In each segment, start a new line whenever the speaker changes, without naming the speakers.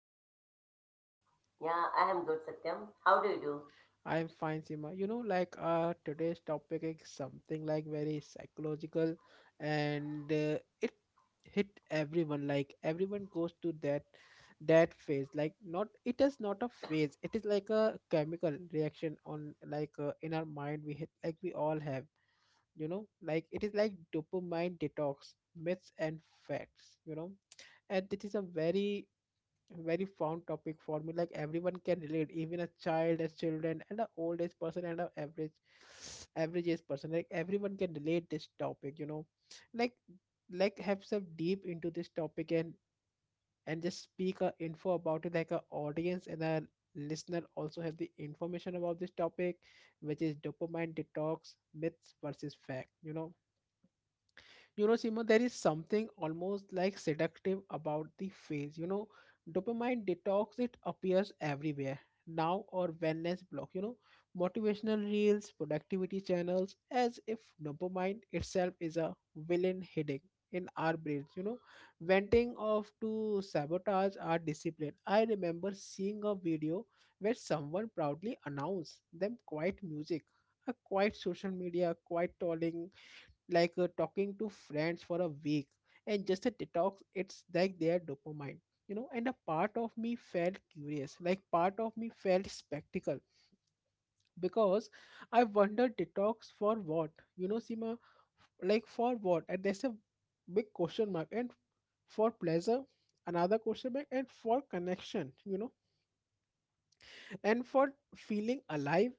How's you Seema?
Yeah, I am good, Satyam. How do you do?
I am fine Seema. Today's topic is something like very psychological and it hit everyone, like everyone goes to that phase. Like not, it is not a phase, it is like a chemical reaction on like in our mind. We hit like we all have you know, like it is like dopamine detox myths and facts you know. And this is a very fond topic for me, like everyone can relate, even a child as children and an old age person and an average average age person. Like everyone can relate this topic you know, like like have some deep into this topic, and just speak a info about it like a audience and a listener also have the information about this topic, which is dopamine detox myths versus fact you know. You know, Seema, there is something almost like seductive about the phase. You know, dopamine detox, it appears everywhere now or wellness block, you know, motivational reels, productivity channels, as if dopamine itself is a villain hidden in our brains, you know, venting of to sabotage our discipline. I remember seeing a video where someone proudly announced them quiet music, a quiet social media, quiet tolling like talking to friends for a week and just a detox, it's like their dopamine you know. And a part of me felt curious, like part of me felt spectacle because I wondered, detox for what? You know, Sima, like for what? And there's a big question mark, and for pleasure, another question mark, and for connection, you know, and for feeling alive.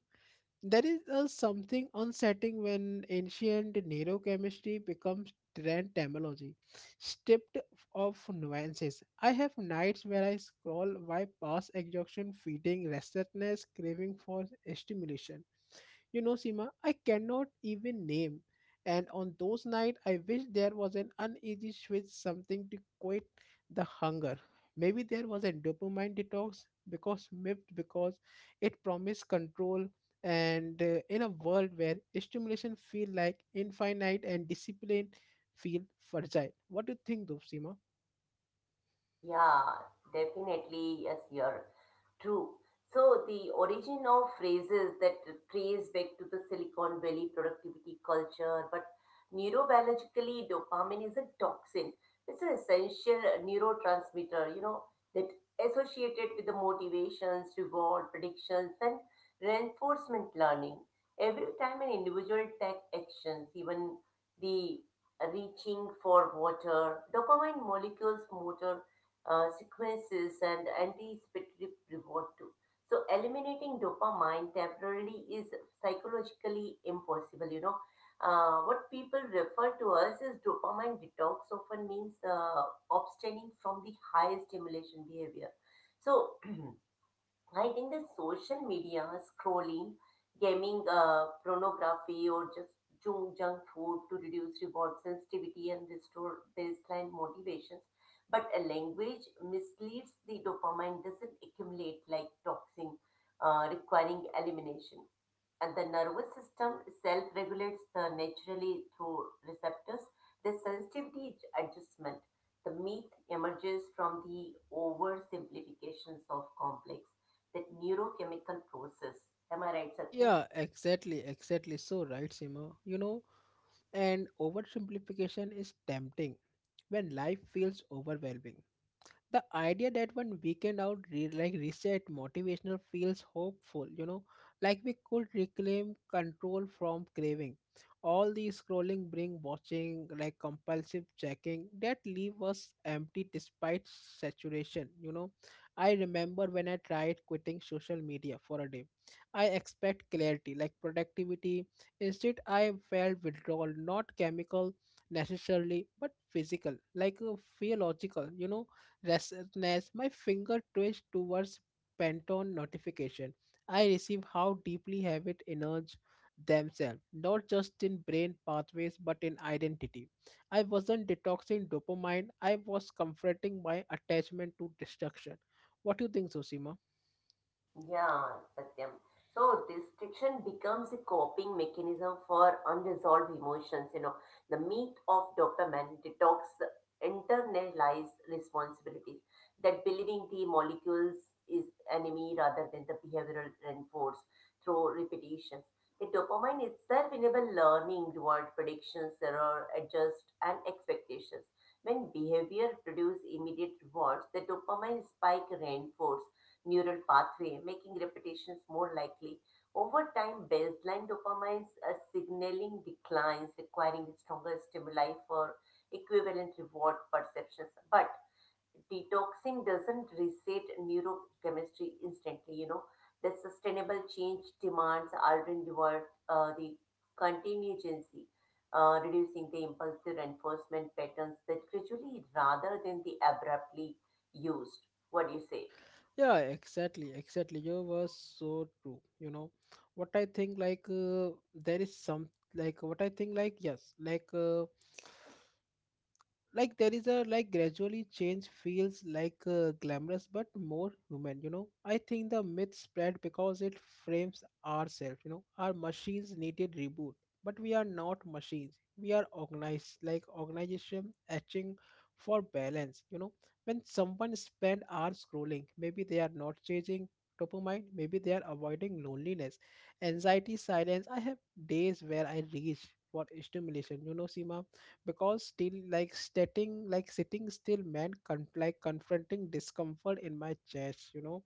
There is a something unsettling when ancient neurochemistry becomes trend terminology, stripped of nuances. I have nights where I scroll by past exhaustion, feeding restlessness, craving for stimulation. You know, Seema, I cannot even name. And on those nights, I wish there was an uneasy switch, something to quit the hunger. Maybe there was a dopamine detox because MIPS, because it promised control. And in a world where stimulation feel like infinite and discipline feel fragile. What do you think, though, Seema?
Yeah, definitely. Yes, you're true. So the origin of phrases that trace back to the Silicon Valley productivity culture, but neurobiologically, dopamine is a toxin. It's an essential neurotransmitter, you know, that associated with the motivations, reward, predictions, and reinforcement learning. Every time an individual takes actions, even the reaching for water, dopamine molecules motor sequences and anticipatory reward too. So eliminating dopamine temporarily is psychologically impossible. You know, what people refer to us as dopamine detox often means abstaining from the high stimulation behavior. So I think the social media scrolling, gaming, pornography, or just junk food to reduce reward sensitivity and restore baseline motivations. But a language misleads the dopamine doesn't accumulate like toxin, requiring elimination and the nervous system self regulates the naturally through receptors. The sensitivity is adjustment. The myth emerges from the oversimplifications of complex, that neurochemical process. Am I right, Satya?
Yeah, exactly, exactly. So right, Simo. You know, and oversimplification is tempting when life feels overwhelming, the idea that one weekend out reset motivational feels hopeful you know, like we could reclaim control from craving, all the scrolling bring watching, like compulsive checking that leave us empty despite saturation you know. I remember when I tried quitting social media for a day, I expect clarity, like productivity. Instead I felt withdrawal, not chemical necessarily, but physical, like physiological you know. Restlessness, my finger twitched towards Pantone notification. I receive how deeply habit innards themselves, not just in brain pathways but in identity. I wasn't detoxing dopamine, I was comforting my attachment to destruction. What do you think, Susima?
Yeah, Satyam. So distraction becomes a coping mechanism for unresolved emotions. You know, the myth of dopamine detox internalized responsibilities that believing the molecules is enemy rather than the behavioral reinforce through repetitions. The dopamine itself enable learning, reward, predictions, error, adjust, and expectations. When behavior produce immediate rewards, the dopamine spike reinforce neural pathway, making repetitions more likely. Over time, baseline dopamine signaling declines, requiring stronger stimuli for equivalent reward perceptions. But detoxing doesn't reset neurochemistry instantly, you know. The sustainable change demands altering the, word, the contingency, reducing the impulsive reinforcement patterns that gradually rather than the abruptly used. What do you say?
Yeah, exactly, exactly. You were so true. You know, what I think like there is some like what I think, like yes, like there is a like gradually change feels like glamorous but more human. You know, I think the myth spread because it frames ourselves, you know, our machines needed reboot, but we are not machines, we are organized like organization etching for balance you know. When someone spend hours scrolling, maybe they are not changing top of mind, maybe they are avoiding loneliness, anxiety, silence. I have days where I reach for stimulation, you know Seema, because still like stating like sitting still meant confronting discomfort in my chest, you know.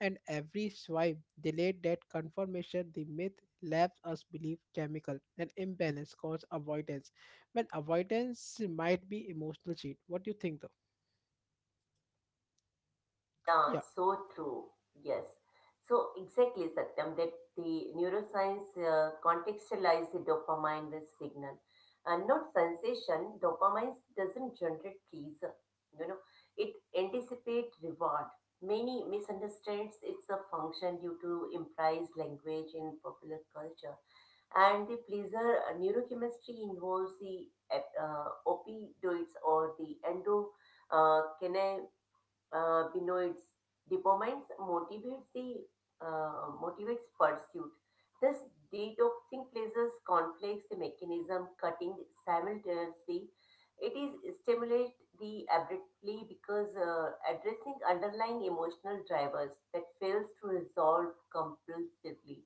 And every swipe delayed that confirmation. The myth left us believe chemical and imbalance cause avoidance when avoidance might be emotional cheat. What do you think though?
Yeah,
Yeah.
so true. Yes. So exactly, Satyam, that the neuroscience contextualize the dopamine with signal and not sensation. Dopamine doesn't generate pleasure. You know, it anticipates reward. Many misunderstands it's a function due to implies language in popular culture. And the pleasure neurochemistry involves the opioids or the endo uh, benotes, dopamines motivates the motivates pursuit. This detoxing places conflicts the mechanism cutting simultaneously. It is stimulate the abruptly because addressing underlying emotional drivers that fails to resolve compulsively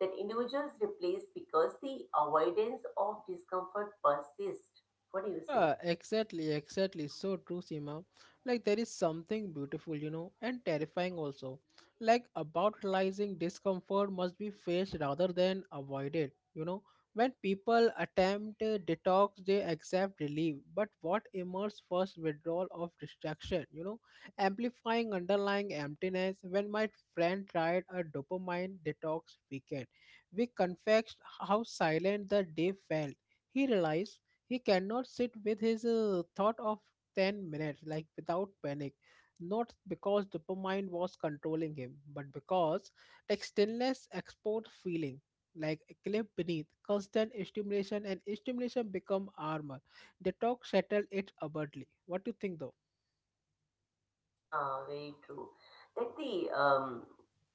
that individuals replace because the avoidance of discomfort persists. What do you say?
Yeah, exactly, exactly. So true, Seema. Like there is something beautiful, you know, and terrifying also. Like about realizing discomfort must be faced rather than avoided. You know, when people attempt detox, they accept relief, but what emerges first withdrawal of distraction. You know, amplifying underlying emptiness. When my friend tried a dopamine detox weekend, we confessed how silent the day felt. He realized he cannot sit with his thought of 10 minutes like without panic, not because dopamine was controlling him, but because textileness export feeling like a cliff beneath constant stimulation and stimulation become armor. The talk settled it abruptly. What do you think though?
Yeah, very true. That the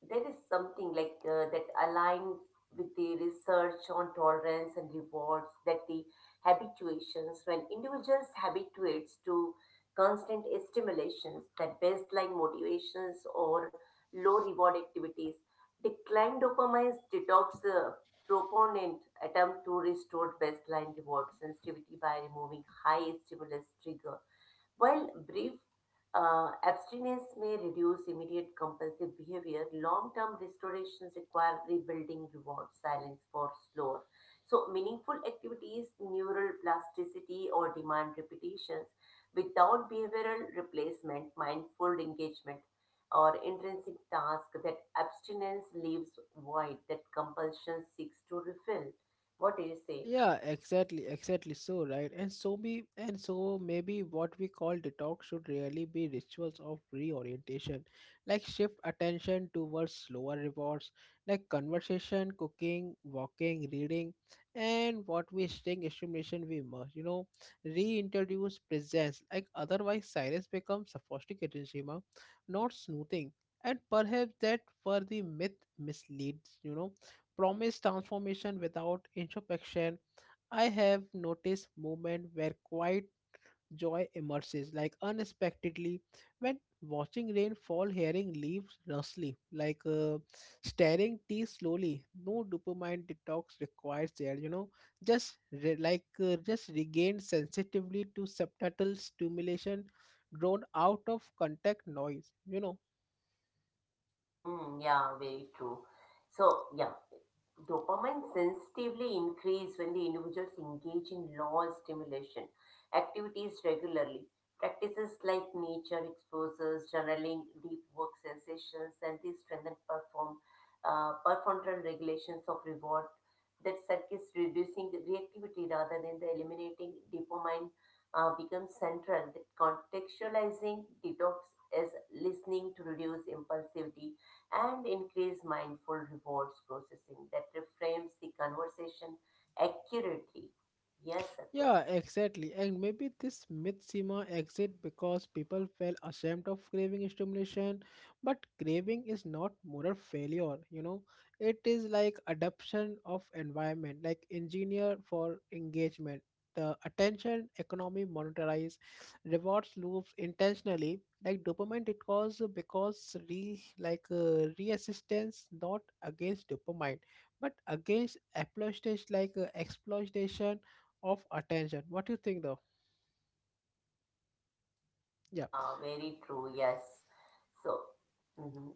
there is something like that aligns with the research on tolerance and rewards. That the habituations when individuals habituates to constant stimulations, that baseline motivations or low reward activities, decline dopamine detox proponent attempt to restore baseline reward sensitivity by removing high stimulus triggers while brief abstinence may reduce immediate compulsive behavior, long term restorations require rebuilding reward silence for slower. So, meaningful activities, neural plasticity, or demand repetitions without behavioral replacement, mindful engagement, or intrinsic task that abstinence leaves void that compulsion seeks to refill. What do you say?
Yeah, exactly, exactly so, right? And so maybe what we call detox should really be rituals of reorientation, like shift attention towards slower rewards, like conversation, cooking, walking, reading, and what we sting stimulation we must, you know, reintroduce presence. Like otherwise silence becomes sophisticated, Seema, not smoothing. And perhaps that for the myth misleads, you know, promise transformation without introspection. I have noticed moment where quiet joy emerges, like unexpectedly, when watching rain fall, hearing leaves rustling, like staring tea slowly. No dopamine detox required there, you know. Just just regain sensitively to subtle stimulation, drawn out of contact noise, you know.
Mm, yeah, very true. So, yeah. Dopamine sensitively increase when the individuals engage in low stimulation activities regularly. Practices like nature exposures, journaling, deep work sensations, and the strengthened perform prefrontal regulations of reward that circuits reducing the reactivity rather than the eliminating dopamine becomes central. That contextualizing detox is listening to reduce impulsivity and increase mindful rewards processing that reframes the conversation accurately. Yes, Satyam.
Yeah, exactly. And maybe this myth Seema exit because people felt ashamed of craving stimulation. But craving is not moral failure, you know. It is like adaptation of environment, like engineer for engagement. The attention economy monetarize rewards loops intentionally, like dopamine it cause because re like resistance not against dopamine, but against exploitation, like exploitation of attention. What do you think though? Yeah.
Yeah, very true. Yes. So, mhm.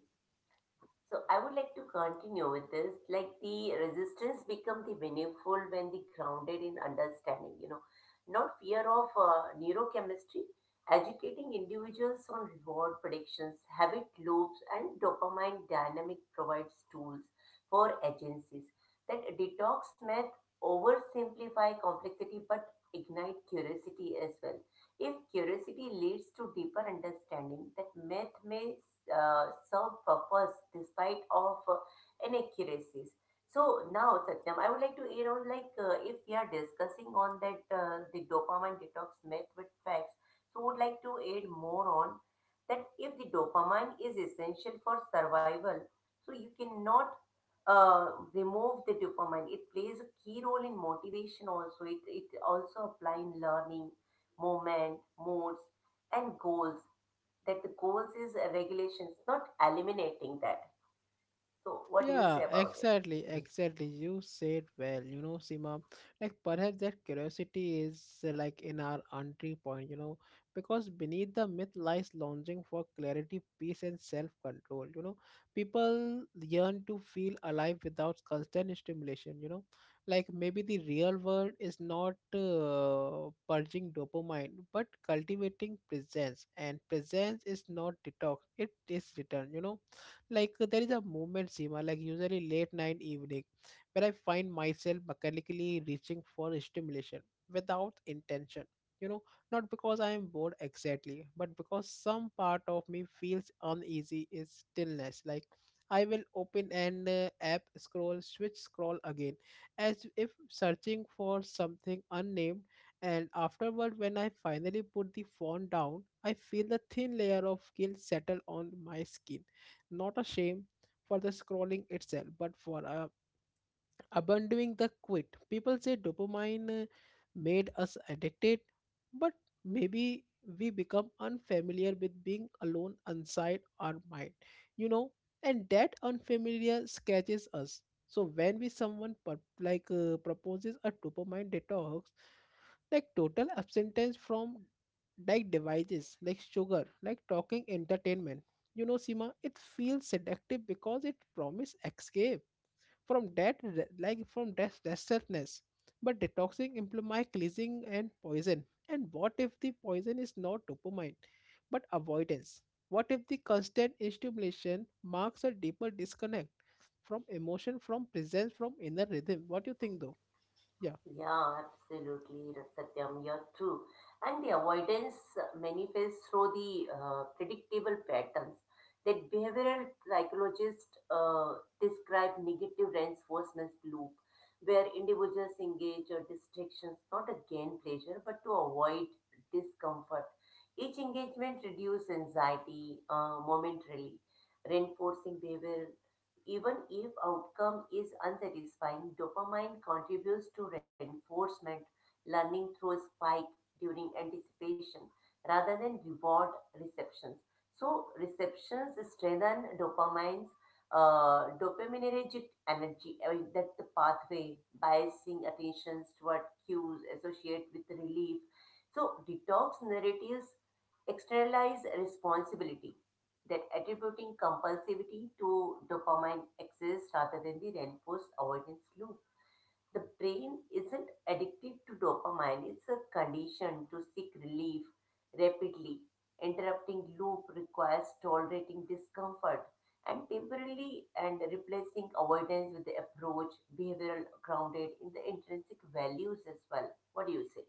So I would like to continue with this. Like the resistance become the meaningful when the grounded in understanding, you know, not fear of neurochemistry, educating individuals on reward predictions, habit loops, and dopamine dynamic provides tools for agencies that detox myth oversimplify complexity but ignite curiosity as well if curiosity leads to deeper understanding, that myth may serve purpose despite of inaccuracies. So now, Satyam, I would like to like if we are discussing on that the dopamine detox myth with facts, so would like to add more on that if the dopamine is essential for survival, so you cannot uh, remove the dopamine. It plays a key role in motivation also. It also apply in learning, movement, moods, and goals. That the goals is regulations, not eliminating that. So, what do you
Yeah,
say about
exactly,
it?
exactly. You said well, you know, Seema, like perhaps that curiosity is like in our entry point, you know, because beneath the myth lies longing for clarity, peace, and self-control. You know, people yearn to feel alive without constant stimulation, you know, like maybe the real world is not purging dopamine, but cultivating presence, and presence is not detox, it is return, you know. Like there is a moment, Seema, like usually late night evening, where I find myself mechanically reaching for stimulation without intention. You know, not because I am bored exactly, but because some part of me feels uneasy is stillness. Like I will open an app, scroll, switch, scroll again, as if searching for something unnamed. And afterward, when I finally put the phone down, I feel the thin layer of guilt settle on my skin, not a shame for the scrolling itself, but for a abandoning the quit. People say dopamine made us addicted, but maybe we become unfamiliar with being alone inside our mind, you know, and that unfamiliar scratches us. So when we someone proposes a dopamine detox, like total abstinence from like devices, like sugar, like talking entertainment, you know, Sima, it feels seductive because it promises escape from that from that restlessness. But detoxing implies cleansing and poison. And what if the poison is not dopamine but avoidance? What if the constant stimulation marks a deeper disconnect from emotion, from presence, from inner rhythm? What do you think though? Yeah.
Yeah, absolutely, Satyam, you're true. And the avoidance manifests through the predictable patterns that behavioral psychologists describe negative reinforcement loop, where individuals engage or distractions not to gain pleasure but to avoid discomfort. Each engagement reduces anxiety momentarily, reinforcing behavior even if outcome is unsatisfying, dopamine contributes to reinforcement learning through a spike during anticipation rather than reward receptions. So receptions strengthen dopamine's dopaminergic energy, I mean, that's the pathway, biasing attentions toward cues associated with relief. So detox narratives externalize responsibility that attributing compulsivity to dopamine excess rather than the reinforced avoidance loop. The brain isn't addicted to dopamine, it's a condition to seek relief rapidly. Interrupting loop requires tolerating discomfort and temporarily and replacing avoidance with the approach behavioral grounded in the intrinsic values as well. What do you say?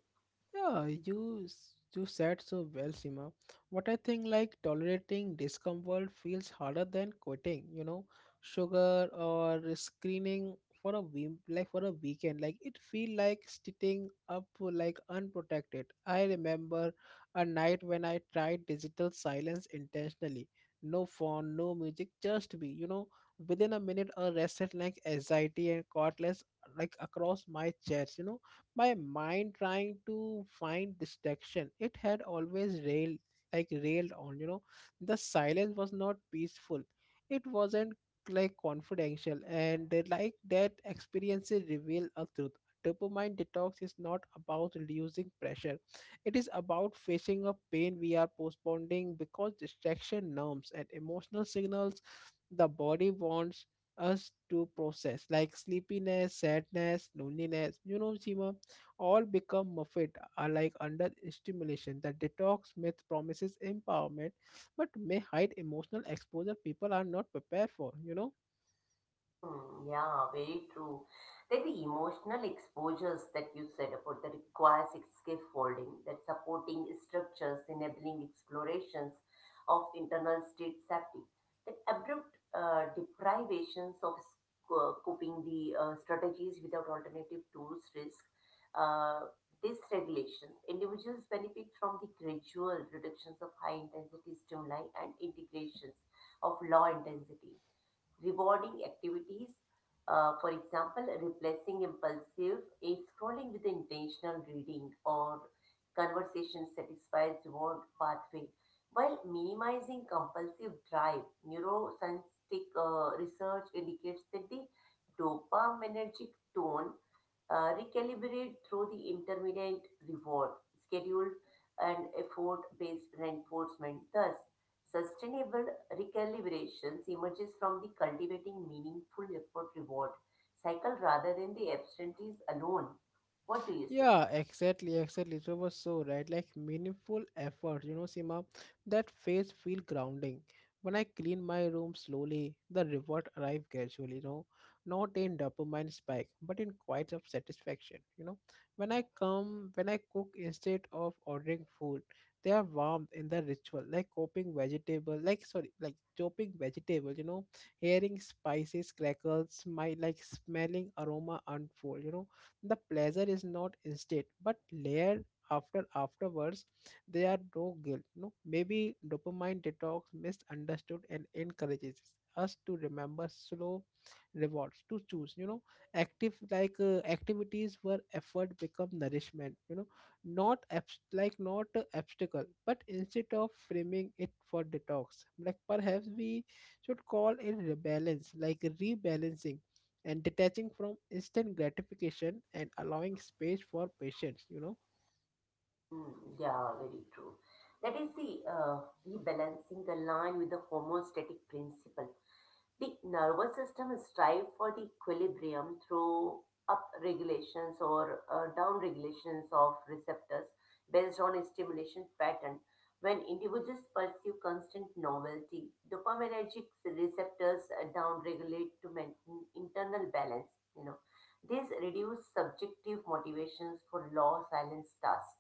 Yeah, you said so well, Sima. What I think, like tolerating discomfort feels harder than quitting, you know, sugar or screening for a week, like for a weekend. Like it feel like sitting up like unprotected. I remember a night when I tried digital silence intentionally. No phone, no music, just be, you know, within a minute a rested like anxiety and cordless like across my chest, you know. My mind trying to find distraction, it had always railed, on you know. The silence was not peaceful, it wasn't like confidential. And they like that experiences reveal a truth: dopamine detox is not about reducing pressure, it is about facing a pain we are postponing, because distraction numbs and emotional signals the body wants us to process, like sleepiness, sadness, loneliness, you know, Seema, all become muffled, are like under stimulation. The detox myth promises empowerment, but may hide emotional exposure people are not prepared for. You know.
Mm, yeah, very true. Then the emotional exposures that you said about that requires scaffolding, that supporting structures, enabling explorations of internal state safety, that abrupt deprivations of coping the strategies without alternative tools risk uh, dysregulations. Individuals benefit from the gradual reductions of high intensity stimuli and integrations of low intensity rewarding activities. For example, replacing impulsive a scrolling with intentional reading or conversation satisfies reward pathway while minimizing compulsive drive. Neuroscientific research indicates that the dopaminergic tone recalibrate through the intermittent reward schedule and effort based reinforcement. Thus, sustainable recalibration emerges from the cultivating meaningful effort reward cycle rather than the absentees alone. What do you say?
Yeah, exactly, exactly. So, it was so right. Like meaningful effort, you know, Sima, that face feel grounding. When I clean my room slowly, the reward arrive gradually, you know, not in dopamine spike, but in quite of satisfaction, you know. When I cook instead of ordering food, they are warmed in the ritual, like chopping vegetable, like sorry, like chopping vegetable, you know, hearing spices crackles, my like smelling aroma unfold, you know, the pleasure is not instant but layered afterwards. There are no guilt, no maybe dopamine detox misunderstood, and encourages us to remember slow rewards to choose, you know, active activities where effort become nourishment, you know, not abs- like not a obstacle, but instead of framing it for detox, like perhaps we should call it rebalance, like rebalancing and detaching from instant gratification and allowing space for patience, you know.
Hmm, yeah, very true. That is the rebalancing the line with the homeostatic principle. The nervous system strives for the equilibrium through up regulations or down regulations of receptors based on a stimulation pattern. When individuals pursue constant novelty, dopaminergic receptors down regulate to maintain internal balance. You know, this reduces subjective motivations for law silence tasks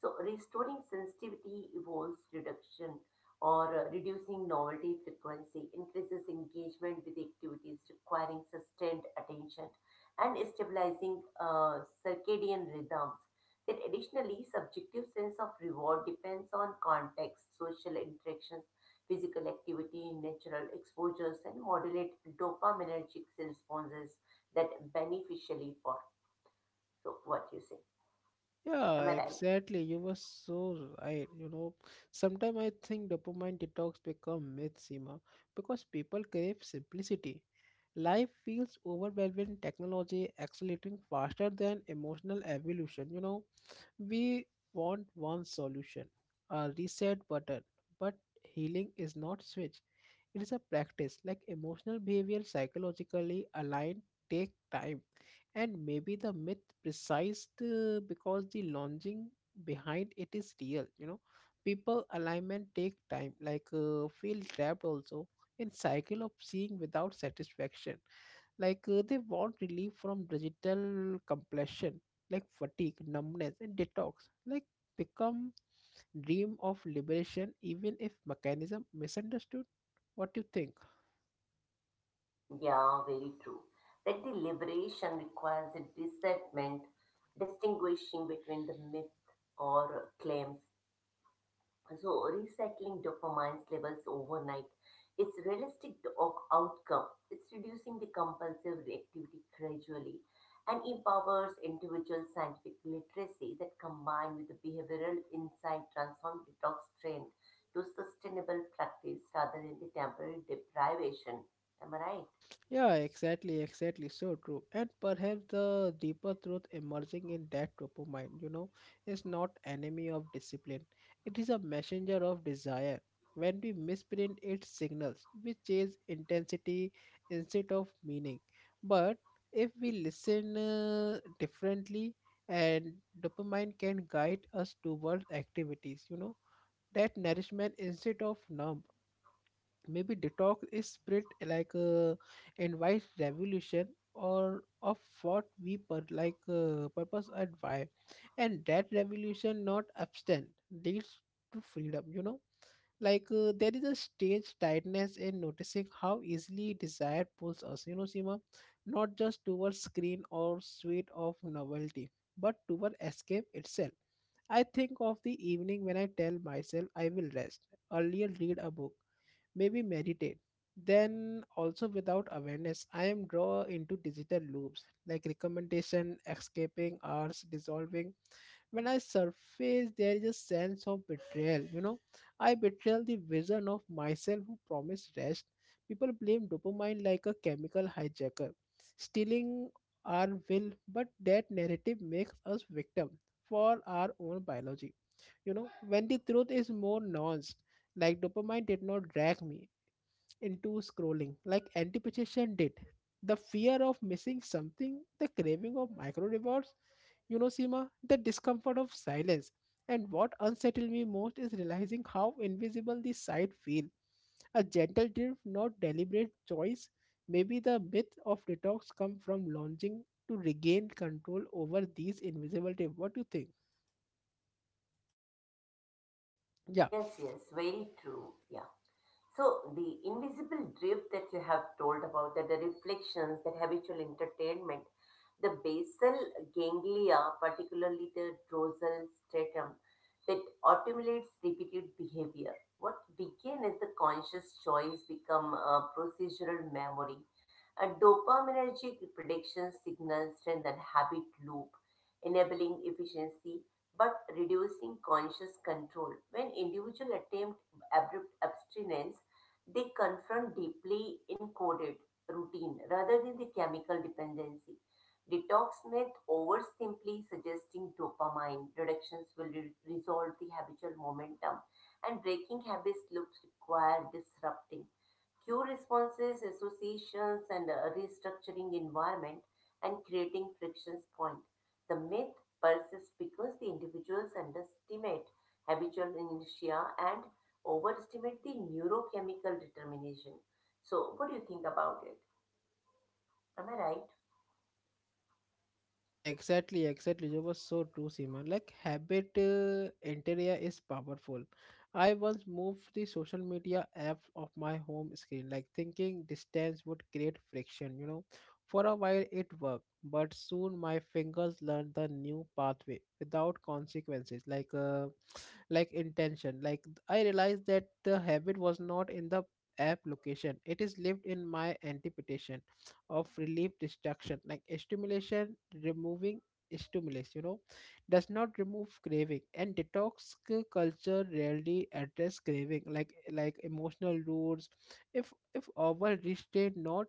so, restoring sensitivity involves reduction or reducing novelty frequency, increases engagement with activities requiring sustained attention, and stabilizing circadian rhythms. That additionally, subjective sense of reward depends on context, social interactions, physical activity, natural exposures, and modulate dopaminergic responses that beneficially for. So, what you say?
Yeah,
Am I right?
exactly, you were so right, you know. Sometimes I think dopamine detox become myth, Seema, because people crave simplicity. Life feels overwhelming, technology accelerating faster than emotional evolution, you know. We want one solution, a reset button, but healing is not switch. It is a practice, like emotional behavior psychologically aligned, take time. And maybe the myth precise because the launching behind it is real, you know. People alignment take time, feel trapped also in cycle of seeing without satisfaction, they want relief from digital completion, like fatigue, numbness, and detox like become dream of liberation even if mechanism misunderstood. What do you think?
Yeah, very true. That deliberation requires a discernment, distinguishing between the myth or claims. So, resettling dopamine levels overnight is realistic of outcome. It's reducing the compulsive reactivity gradually and empowers individual scientific literacy that combined with the behavioral insight transform detox trend to sustainable practice rather than the temporary deprivation. Am I right?
Yeah, exactly, exactly. So true. And perhaps the deeper truth emerging in that topo mind, you know, is not enemy of discipline. It is a messenger of desire. When we misprint its signals, we chase intensity instead of meaning. But if we listen differently, and dopamine can guide us towards activities, you know, that nourishment instead of numb. Maybe detox is spirit, invites revolution or of what we per, like purpose and why, and that revolution not abstain leads to freedom, you know. There is a strange tightness in noticing how easily desire pulls us, you know, Sima, not just towards screen or suite of novelty, but toward escape itself. I think of the evening when I tell myself I will rest, earlier read a book, maybe meditate, then also without awareness I am drawn into digital loops, like recommendation, escaping hours dissolving. When I surface, there is a sense of betrayal, you know. I betrayal the vision of myself who promised rest. People blame dopamine like a chemical hijacker stealing our will, but that narrative makes us victim for our own biology, you know, when the truth is more nuanced. Like dopamine did not drag me into scrolling, like anticipation did. The fear of missing something, the craving of micro rewards, you know, Seema, the discomfort of silence. And what unsettled me most is realizing how invisible the side feel. A gentle drift, not deliberate choice. Maybe the myth of detox come from longing to regain control over these invisible tapes. What do you think? Yeah.
Yes, yes, very true. Yeah. So the invisible drift that you have told about, that the reflections, that habitual entertainment, the basal ganglia, particularly the dorsal stratum, that automates repeated behavior. What began as the conscious choice become a procedural memory. A dopaminergic prediction signals strengthen habit loop, enabling efficiency but reducing conscious control. When individual attempt abrupt abstinence, they confront deeply encoded routine rather than the chemical dependency. Detox myth oversimply suggesting dopamine reductions will resolve the habitual momentum and breaking habits looks require disrupting cue responses, associations, and restructuring environment and creating frictions point. The myth persists because the individuals underestimate habitual inertia and overestimate the neurochemical determination. So, what do you think about it? Am I right?
Yeah, exactly, exactly. You was so true, Seema. Like habit interior is powerful. I once moved the social media app of my home screen, like thinking distance would create friction, you know. For a while it worked, but soon my fingers learned the new pathway without consequences, like intention. Like I realized that the habit was not in the app location; it is lived in my interpretation of relief, distraction, like stimulation. Removing stimulus, you know, does not remove craving, and culture rarely address craving, like emotional roots. If our restraint not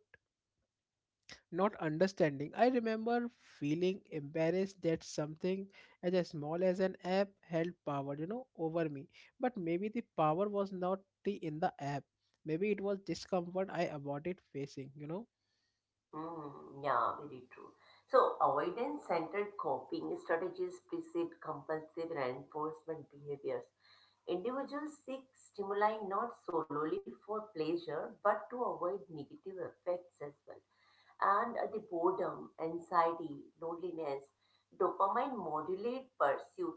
not understanding. I remember feeling embarrassed that something as a small as an app held power, you know, over me. But maybe the power was not the in the app. Maybe it was discomfort I avoided facing, you know.
Mm, yeah, very true. So, avoidance-centered coping strategies precede compulsive reinforcement behaviors. Individuals seek stimuli not solely for pleasure, but to avoid negative effects as well. And the boredom, anxiety, loneliness, dopamine modulate pursuit,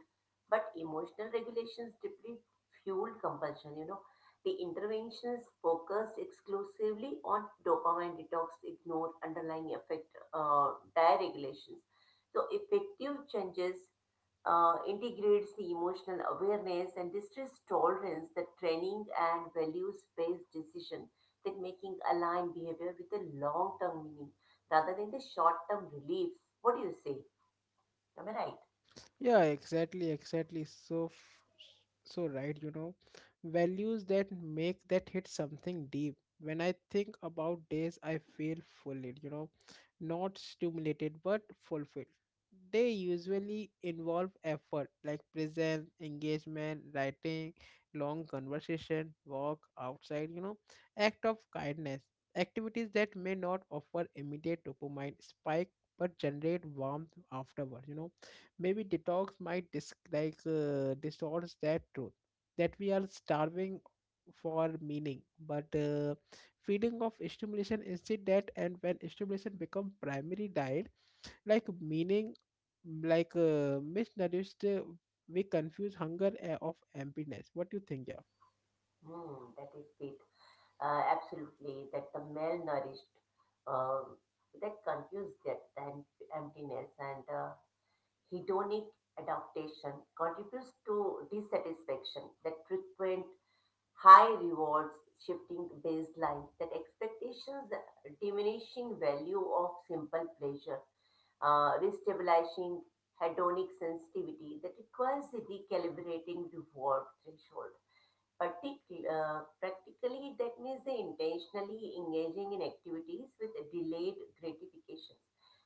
but emotional regulations deeply fuel compulsion. You know the interventions focus exclusively on dopamine detox, ignore underlying effect regulations. So effective changes integrates the emotional awareness and distress tolerance that training and values-based decision that making aligned behavior with the long-term meaning rather than the short-term relief. What do you say? Am I right?
Yeah, exactly, exactly. So right, you know, values that make that hit something deep. When I think about days, I feel fulfilled, you know, not stimulated but fulfilled. They usually involve effort, like presence, engagement, writing, long conversation, walk outside, you know, act of kindness. Activities that may not offer immediate dopamine spike but generate warmth afterward, you know. Maybe detox might distorts that truth that we are starving for meaning, but feeding of stimulation instead. That, and when stimulation become primary diet, like meaning, misnourished, we confuse hunger of emptiness. What do you think, yeah?
Hmm, that is it. Absolutely, that the malnourished, um, that confuse depth and emptiness and hedonic adaptation contributes to dissatisfaction that frequent high rewards shifting baselines that expectations diminishing value of simple pleasure restabilizing hedonic sensitivity that requires recalibrating reward threshold Partic- practically, that means they intentionally engaging in activities with delayed gratifications,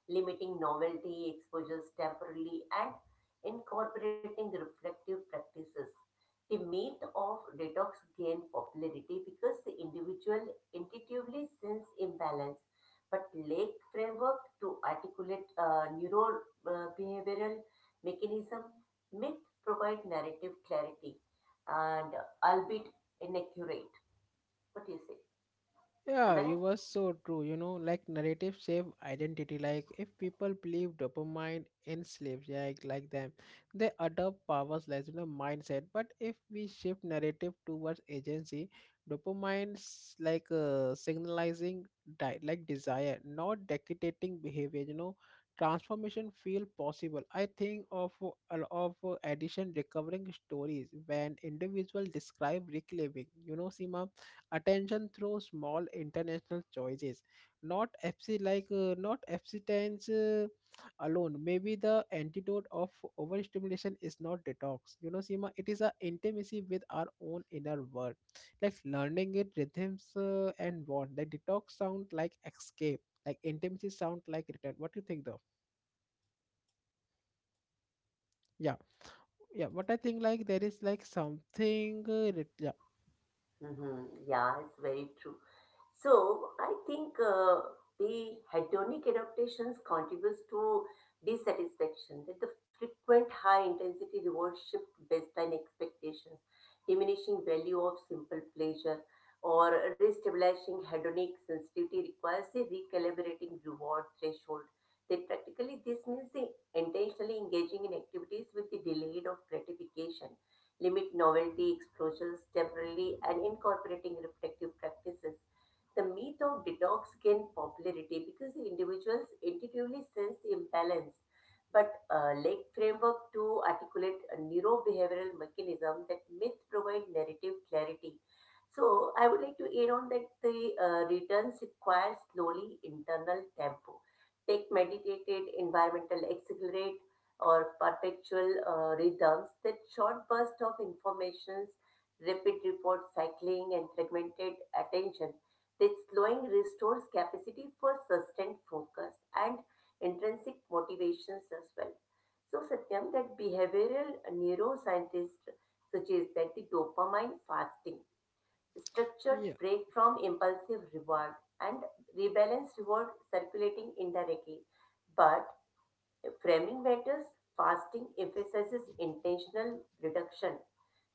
limiting novelty exposures temporarily, and incorporating reflective practices. The myth of detox gained popularity because the individual intuitively sense imbalance, but lack framework to articulate neuro behavioral mechanism. Myth provide narrative clarity, and albeit inaccurate. What do you say? Am
Yeah,
I right?
you were so true. You know, like narrative shape identity. Like if people believe dopamine enslaves, like them, they adopt powers, like you know, mindset. But if we shift narrative towards agency, dopamine's signalizing desire, not dictating behavior. You know, transformation feel possible. I think of addition recovering stories when individual describe reclaiming. You know, Seema, attention through small international choices, not fc like not abstinence alone. Maybe the antidote of overstimulation is not detox, you know, Sima. It is a intimacy with our own inner world, like learning it rhythms, and want the detox sound like escape, like intimacy sound like return. What do you think though? Yeah. Yeah what I think like there is like something ret- yeah
Hmm, yeah, it's very true. So I think the hedonic adaptations contributes to dissatisfaction that the frequent high intensity reward shift baseline expectations, diminishing value of simple pleasure or restabilizing hedonic sensitivity requires a recalibrating reward threshold. That practically this means the intentionally engaging in activities with the delayed of gratification, limit novelty exposures temporarily and incorporating reflective practices. The myth of detox gained popularity because the individuals intuitively sense the imbalance, but lack framework to articulate a neurobehavioral mechanism that myth provide narrative clarity. So I would like to add on that the returns require slowly internal tempo. Take meditated environmental accelerate or perpetual rhythms that short burst of informations, rapid report cycling and fragmented attention, this slowing restores capacity for sustained focus and intrinsic motivations as well. So, Satyam, that behavioral neuroscientists suggest that the dopamine fasting, structured
yeah
break from impulsive reward, and rebalance reward circulating indirectly, but framing matters. Fasting emphasizes intentional reduction.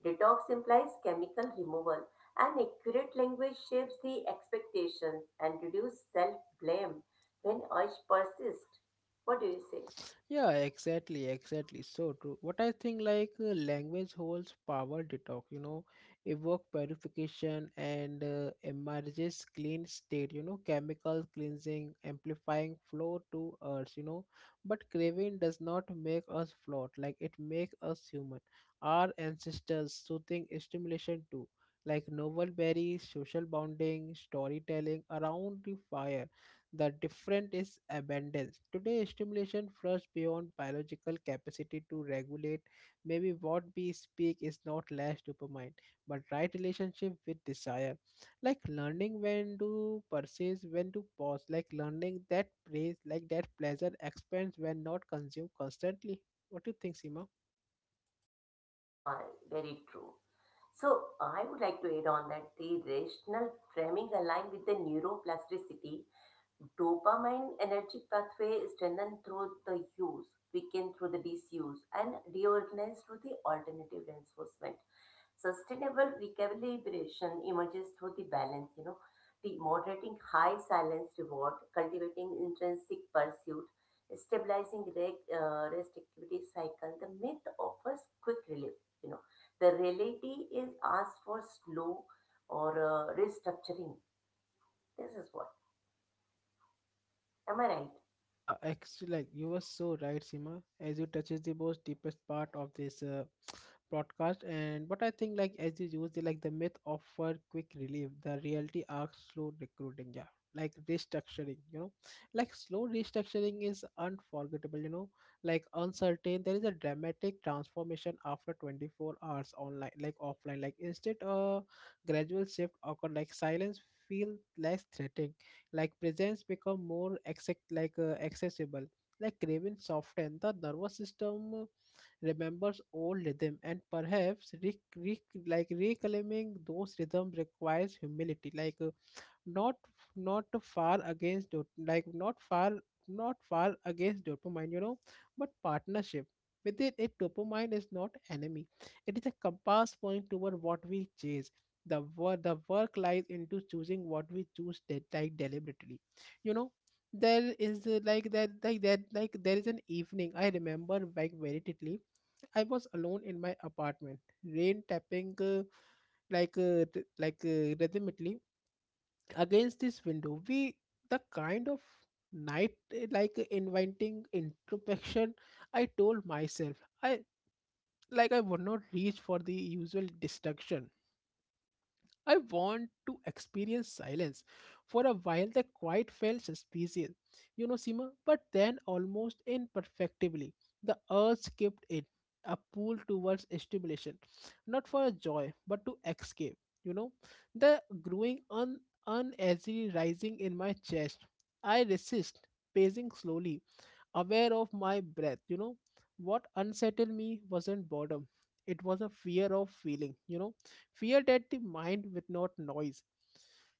Detox implies chemical removal, and accurate language shapes the expectations and reduce self blame when urge persists. What do you say?
Yeah, exactly, exactly. So true. What I think, language holds power. Detox, you know, evoke purification and emerges clean state, you know, chemical cleansing, amplifying flow to earth, you know. But craving does not make us float, like it makes us human. Our ancestors soothing stimulation too, like novel berries, social bonding, storytelling around the fire. The difference is abundance. Today, stimulation flushes beyond biological capacity to regulate. Maybe what we speak is not less dopamine, but right relationship with desire. Like learning when to persist, when to pause. Like learning that praise, like that pleasure expands when not consumed constantly. What do you think, Seema?
Yeah, very true. So I would like to add on that the rational framing align with the neuroplasticity. Dopamine energy pathway is strengthened through the use, weakened through the disuse, and reorganized through the alternative reinforcement. Sustainable recalibration emerges through the balance, you know, the moderating high silence reward, cultivating intrinsic pursuit, stabilizing rest activity cycle. The myth offers quick relief, you know. The reality is asked for slow or restructuring. This is what. Am I right?
Yeah, actually, like you were so right, Sima. As you touches the most deepest part of this broadcast, and but I think, like as you use the like the myth offer quick relief, the reality asks slow recruiting. Yeah, like restructuring. You know, like slow restructuring is unforgettable. You know, like uncertain. There is a dramatic transformation after 24 hours online, like offline. Like instead, a gradual shift occur. Like silence feel less threatening, like presents become more accept like accessible, like craving soften. The nervous system remembers old rhythm, and perhaps reclaiming those rhythms requires humility, not not far against dot like not far not far against dopamine, you know, but partnership within it. Dopamine is not enemy, it is a compass point toward what we chase. The work lies into choosing what we choose deliberately, you know. There is like that like that like there is an evening I remember like very vividly. I was alone in my apartment, rain tapping rhythmically against this window. We the kind of night, inviting introspection. I told myself i I would not reach for the usual distraction. I want to experience silence. For a while, the quiet felt suspicious, you know, Sima, but then almost imperfectly, the urge kept it, a pull towards stimulation, not for joy, but to escape, you know. The uneasy rising in my chest. I resist, pacing slowly, aware of my breath. You know, what unsettled me wasn't boredom, it was a fear of feeling, you know, fear that the mind with not noise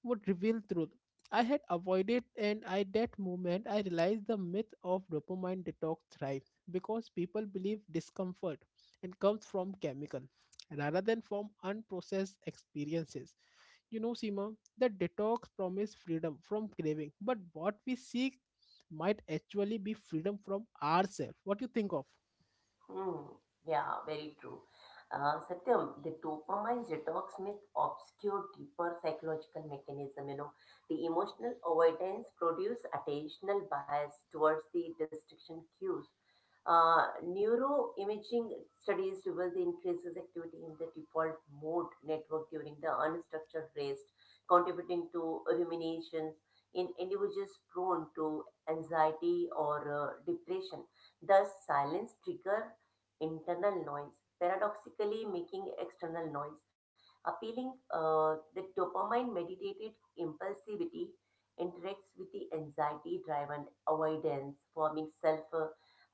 would reveal truth I had avoided. And I that moment I realized the myth of dopamine detox thrives because people believe discomfort and comes from chemical rather than from unprocessed experiences, you know, Seema. The detox promise freedom from craving, but what we seek might actually be freedom from ourselves. What do you think of?
Hmm. Yeah, very true. Satyam, the dopamine detox myth obscure deeper psychological mechanism. You know, the emotional avoidance produce attentional bias towards the distraction cues. Neuroimaging studies reveal the increases activity in the default mode network during the unstructured rest, contributing to ruminations in individuals prone to anxiety or depression. Thus, silence trigger internal noise, paradoxically making external noise appealing. The dopamine mediated impulsivity interacts with the anxiety driven avoidance, forming self uh,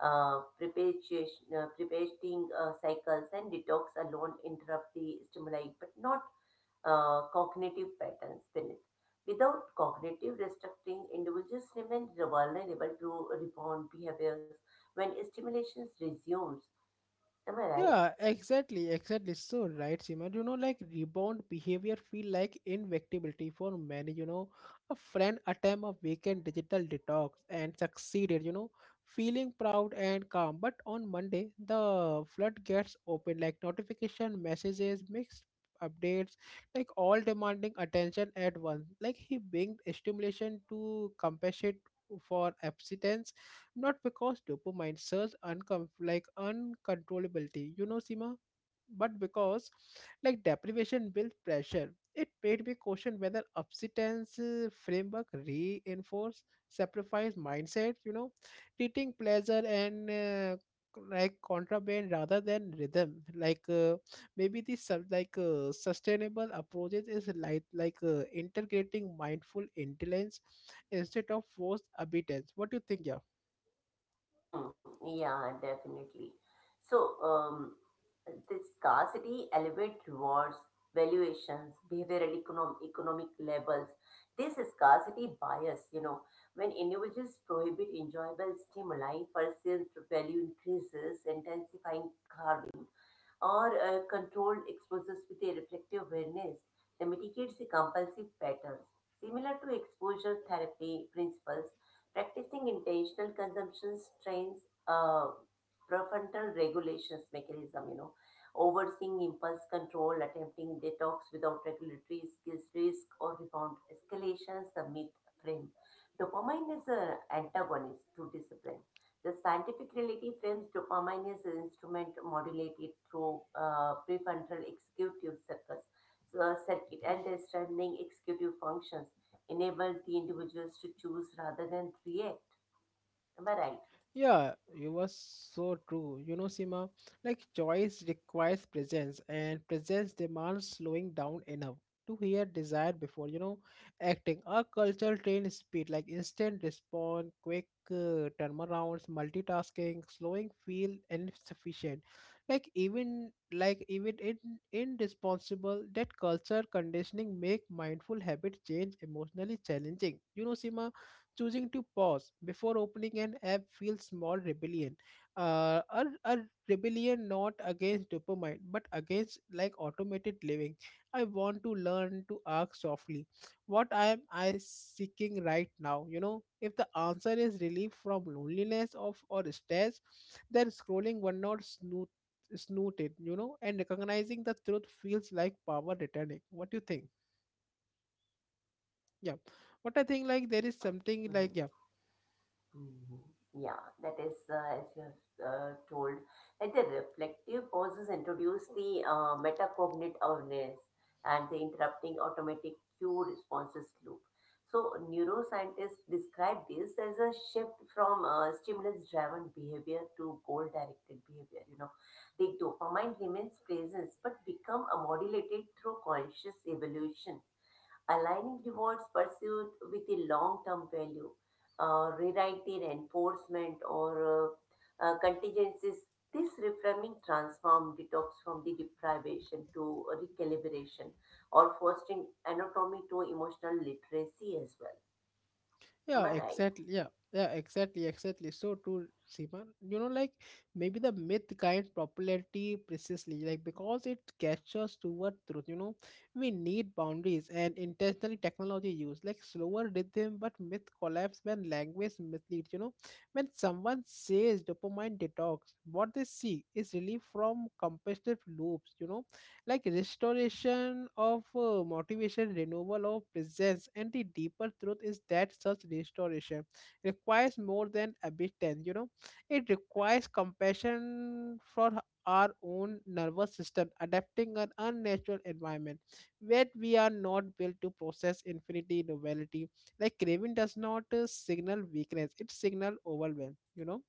uh, perpetuation- uh, perpetuating cycles, and detox alone interrupt the stimuli but not cognitive patterns beneath. Without cognitive restructuring, individuals remain vulnerable to rebound behaviors when stimulations resumes. Am I right?
Yeah, exactly, exactly. So right, Simon, you know, like rebound behavior feel like inevitability for many, you know. A friend attempt a weekend digital detox and succeeded, you know, feeling proud and calm. But on Monday, the flood gets open, like notification, messages, mixed updates, like all demanding attention at once. Like he being stimulation to compensate for absence, not because dopamine surge uncontrollability, you know, Sima, but because like deprivation builds pressure. It made me question whether abstinence framework reinforce sacrifice mindset, you know, treating pleasure and like contraband rather than rhythm. Like maybe the sub like sustainable approaches is like integrating mindful intelligence instead of forced obedience. What do you think, yeah?
Hmm. Yeah, definitely. So, the scarcity elevates rewards, valuations, behavioral economic levels. This scarcity bias, you know, when individuals prohibit enjoyable stimuli, perceived value increases, intensifying carving, or controlled exposures with a reflective awareness that mitigates the compulsive patterns. Similar to exposure therapy principles, practicing intentional consumption trains uh, prefrontal regulations mechanism, you know, overseeing impulse control, attempting detox without regulatory skills risk or rebound escalations, the myth frame. Dopamine is an antagonist to discipline. The scientific reality frames dopamine as an instrument modulated through prefrontal executive circus, so, circuit, and the strengthening executive functions enabled the individuals to choose rather than react. Am I right?
Yeah, you were so true. You know, Sima, like choice requires presence, and presence demands slowing down enough to hear desire before, you know, acting. Our culture trained speed, like instant response, quick turnarounds, multitasking, slowing feel insufficient. Like even in irresponsible that culture conditioning make mindful habit change emotionally challenging. You know, Sima, choosing to pause before opening an app feels small rebellion, a rebellion not against dopamine but against like automated living. I want to learn to ask softly, what am I seeking right now, you know? If the answer is relief from loneliness of or stress, then scrolling one not snoot snooted, you know, and recognizing the truth feels like power returning. What do you think? Yeah. What I think like there is something
Mhm,
like yeah
mhm. Yeah, that is, as you have told, that the reflective pauses introduce the metacognitive awareness and the interrupting automatic cue responses loop. So, neuroscientists describe this as a shift from stimulus driven behavior to goal directed behavior. You know, the dopamine remains present but become modulated through conscious evolution, aligning rewards pursued with the long-term value, rewriting enforcement or contingencies. This reframing transformed detox from the deprivation to recalibration or fostering anatomy to emotional literacy as well. Am
Yeah,
I right?
exactly. Yeah, yeah, exactly, exactly. So true, Seema. You know, like maybe the myth kind popularity precisely, like because it catches toward truth. You know, we need boundaries and intentionally technology use, like slower rhythm, but myth collapse when language misleads. You know, when someone says dopamine detox, what they see is relief from competitive loops. You know, like restoration of motivation renewal of presence, and the deeper truth is that such restoration requires more than abstinence. You know, it requires compassion for our own nervous system adapting an unnatural environment where we are not built to process infinity novelty. Like craving does not signal weakness, it signal overwhelm. You know.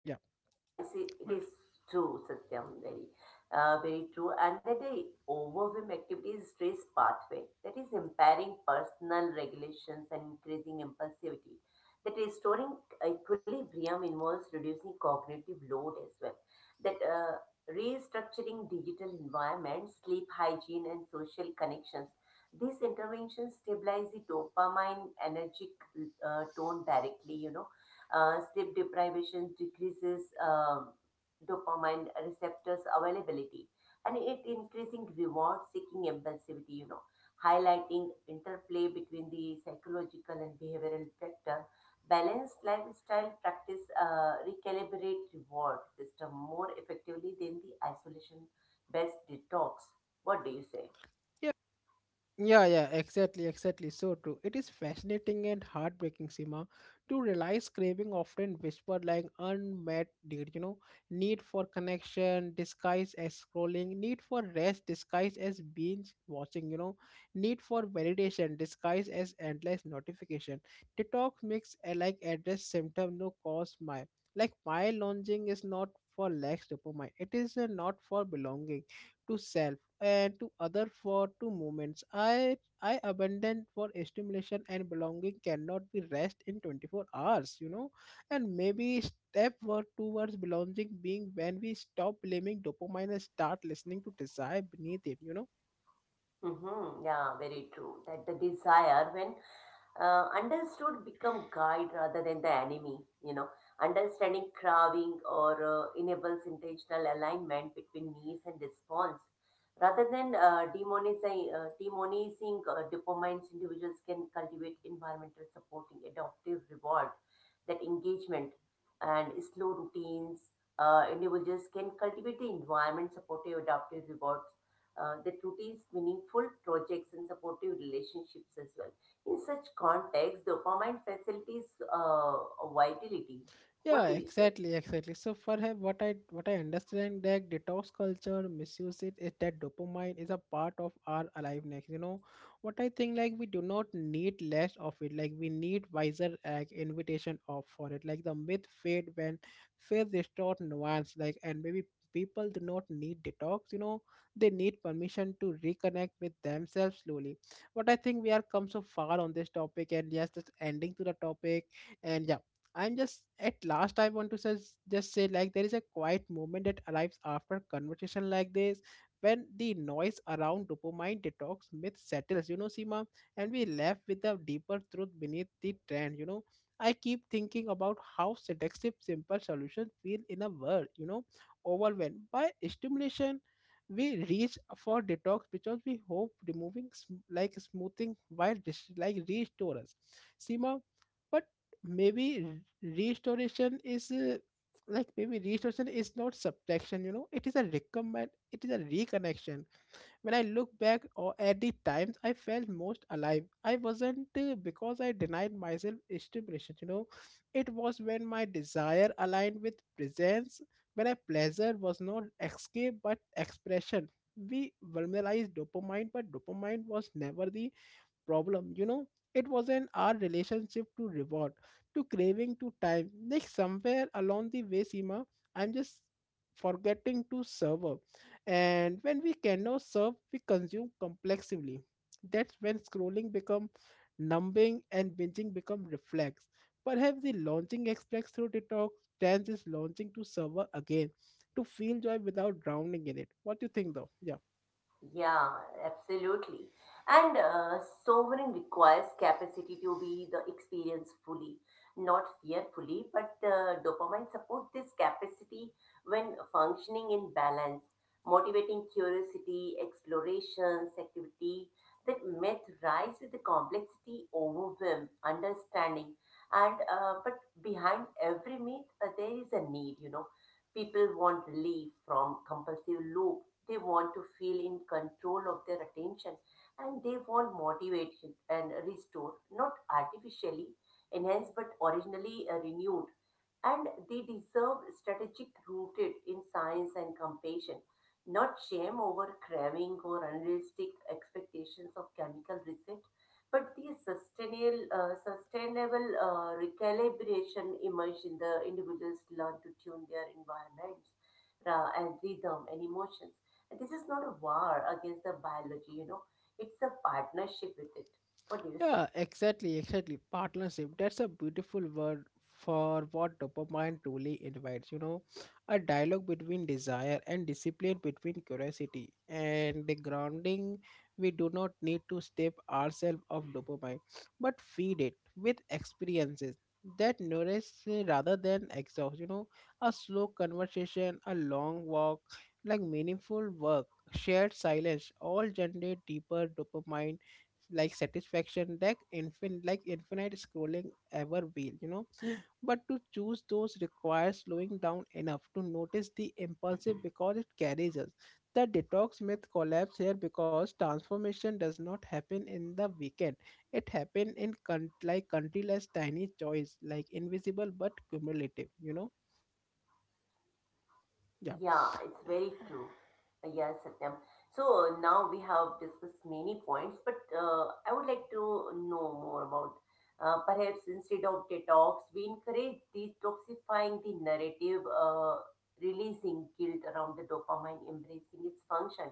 Yeah.
Yeah, it's, it
Well,
is true, Satyam, very, very true. And that the overwhelm activities stress pathway that is impairing personal regulations and increasing impulsivity. That restoring equilibrium involves reducing cognitive load as well. That restructuring digital environment, sleep hygiene, and social connections. These interventions stabilize the dopamine energy tone directly, you know. Sleep deprivation decreases dopamine receptors availability, and it increasing reward seeking impulsivity, you know, highlighting interplay between the psychological and behavioral factor. Balanced lifestyle practice recalibrate reward system more effectively than the isolation based detox. What do you say?
yeah. Yeah, yeah, exactly, exactly. So true. It is fascinating and heartbreaking, Sima, to realize craving often whisper like unmet need, you know, need for connection disguised as scrolling, need for rest disguised as binge watching, you know, need for validation disguised as endless notification. Detox makes a like address symptom no cause my like my longing is not for lack dopamine. It is not for belonging to self to other for two moments. I abandoned for stimulation, and belonging cannot be rest in 24 hours, you know. And maybe step were towards belonging being when we stop blaming dopamine and start listening to desire beneath it, you know.
Hmm, yeah, very true. That the desire, when understood, become guide rather than the enemy, you know. Understanding craving or enables intentional alignment between needs and response. Rather than demonizing dopamine's, individuals can cultivate environmental supporting adaptive reward, that engagement, and slow routines. Individuals can cultivate the environment supportive adaptive rewards, that routines, meaningful projects, and supportive relationships as well. In such context, dopamine facilitates vitality. What
Yeah,
do you say?
exactly, exactly. So for her, what I understand that detox culture misuse it is that dopamine is a part of our aliveness. You know, what I think like we do not need less of it. Like we need wiser like invitation of for it. Like the myth fade when faith distort nuance. Like, and maybe people do not need detox. You know, they need permission to reconnect with themselves slowly. But I think we are come so far on this topic, and yes, just ending to the topic. And yeah, I'm just at last I want to says, just say like there is a quiet moment that arrives after conversation like this when the noise around dopamine detox myth settles, you know, Seema, and we left with the deeper truth beneath the trend, you know. I keep thinking about how seductive simple solutions feel in a world, you know, overwhelmed by stimulation. We reach for detox because we hope removing like like restore us. Seema, but maybe restoration is like maybe restoration is not subtraction. You know, it is a recommend, it is a reconnection. When I look back or at the times I felt most alive, I wasn't because I denied myself stimulation, you know, it was when my desire aligned with presence, when a pleasure was not escape but expression. We vulneralized dopamine, but dopamine was never the problem, you know, it was in our relationship to reward, to craving, to time. Like somewhere along the way, Seema, I'm just forgetting to serve her. And when we cannot serve, we consume complexively. That's when scrolling become numbing and binging become reflex. Perhaps the launching express through detox trans is launching to server again, to feel joy without drowning in it. What do you think though? Yeah.
Yeah, absolutely. And sovereign requires capacity to be the experience fully, not fearfully, but dopamine supports this capacity when functioning in balance, motivating curiosity, explorations, activity that myth rise with the complexity, overwhelm, understanding. And but behind every myth, there is a need, you know. People want relief from compulsive loop, they want to feel in control of their attention, and they want motivated and restored, not artificially enhanced but originally renewed. And they deserve strategic rooted in science and compassion, not shame over craving or unrealistic expectations of chemical reset, but the sustainable, recalibration emerge in the individuals learn to tune their environments and rhythm and emotions. And this is not a war against the biology, you know, it's a partnership with it. What do you say?
Yeah, exactly, exactly. Partnership. That's a beautiful word for what dopamine truly invites. You know, a dialogue between desire and discipline, between curiosity and the grounding. We do not need to step ourselves off dopamine, but feed it with experiences that nourish rather than exhaust. You know, a slow conversation, a long walk, like meaningful work, shared silence, all generate deeper dopamine like satisfaction that infin like infinite scrolling ever will, you know. But to choose those requires slowing down enough to notice the impulsive because it carries us. The detox myth collapse here because transformation does not happen in the weekend, it happen in like countless tiny choice, like invisible but cumulative, you know.
Yeah, it's very
Yeah.
true. Yes, Satyam. So now we have discussed many points, but I would like to know more about perhaps instead of detox, we encourage detoxifying the narrative, releasing guilt around the dopamine, embracing its function,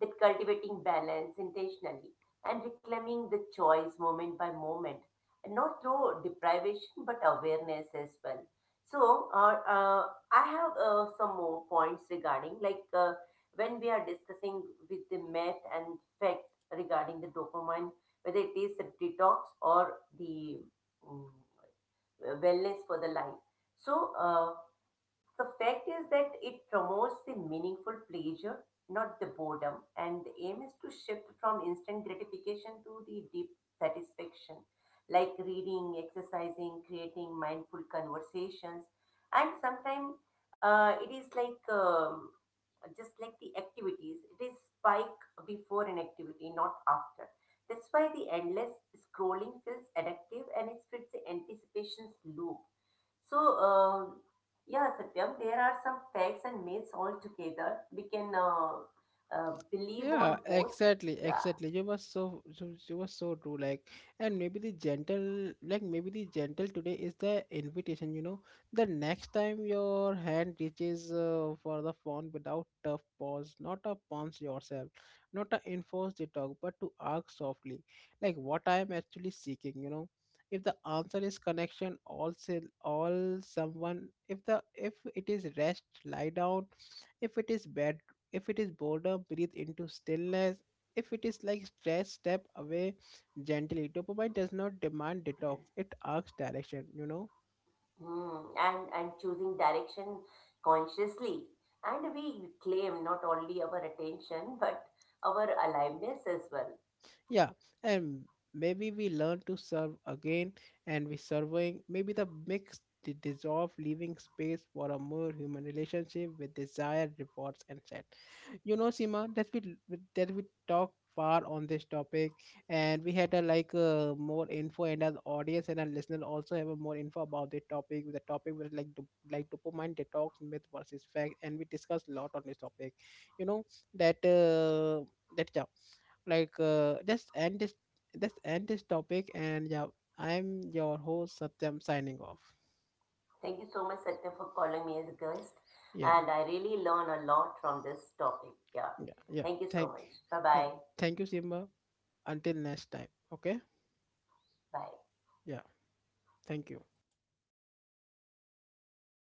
that cultivating balance intentionally, and reclaiming the choice moment by moment, and not through deprivation but awareness as well. So, I have some more points regarding like when we are discussing with the myth and fact regarding the dopamine, whether it is a detox or the um, wellness for the life. So the fact is that it promotes the meaningful pleasure, not the boredom, and the aim is to shift from instant gratification to the deep satisfaction, like reading, exercising, creating mindful conversations, and sometimes it is like just like the activities, it is spike before an activity, not after. That's why the endless scrolling feels addictive and it fits the anticipation's loop. So, yeah, Satyam, there are some facts and myths all together. We can believe
Yeah,
on both.
exactly,
Yeah,
exactly. You was so, so you were so true. Like, and maybe the gentle, like maybe the gentle today is the invitation. You know, the next time your hand reaches for the phone without tough pause, not a punch yourself, not a enforce the talk, but to ask softly, like what I am actually seeking. You know, if the answer is connection, all say all someone. If the if it is rest, lie down. If it is bad, if it is boredom, breathe into stillness. If it is like stress, step away gently. Dopamine does not demand detox; it asks direction. You know,
mm, and choosing direction consciously, and we claim not only our attention but our aliveness as well.
yeah, and maybe we learn to serve again, and we serving. Maybe the dissolve, leaving space for a more human relationship with desire, rewards, and sadness. You know, Seema, that we talked far on this topic, and we had a like more info, and our audience and our listener also have a more info about the topic. The topic was like dopamine detox myth versus fact, and we discussed a lot on this topic. You know that that yeah, like just end this, let's end this topic, and yeah, I'm your host Satyam signing off.
Thank you so much, Satyam, for calling me as a guest,
Yeah,
and I really learn a lot from this topic. Yeah,
yeah, yeah.
thank you so
Thank,
much. Bye
yeah,
bye.
thank you, Simba. Until next time. Okay.
Bye.
Yeah. Thank you.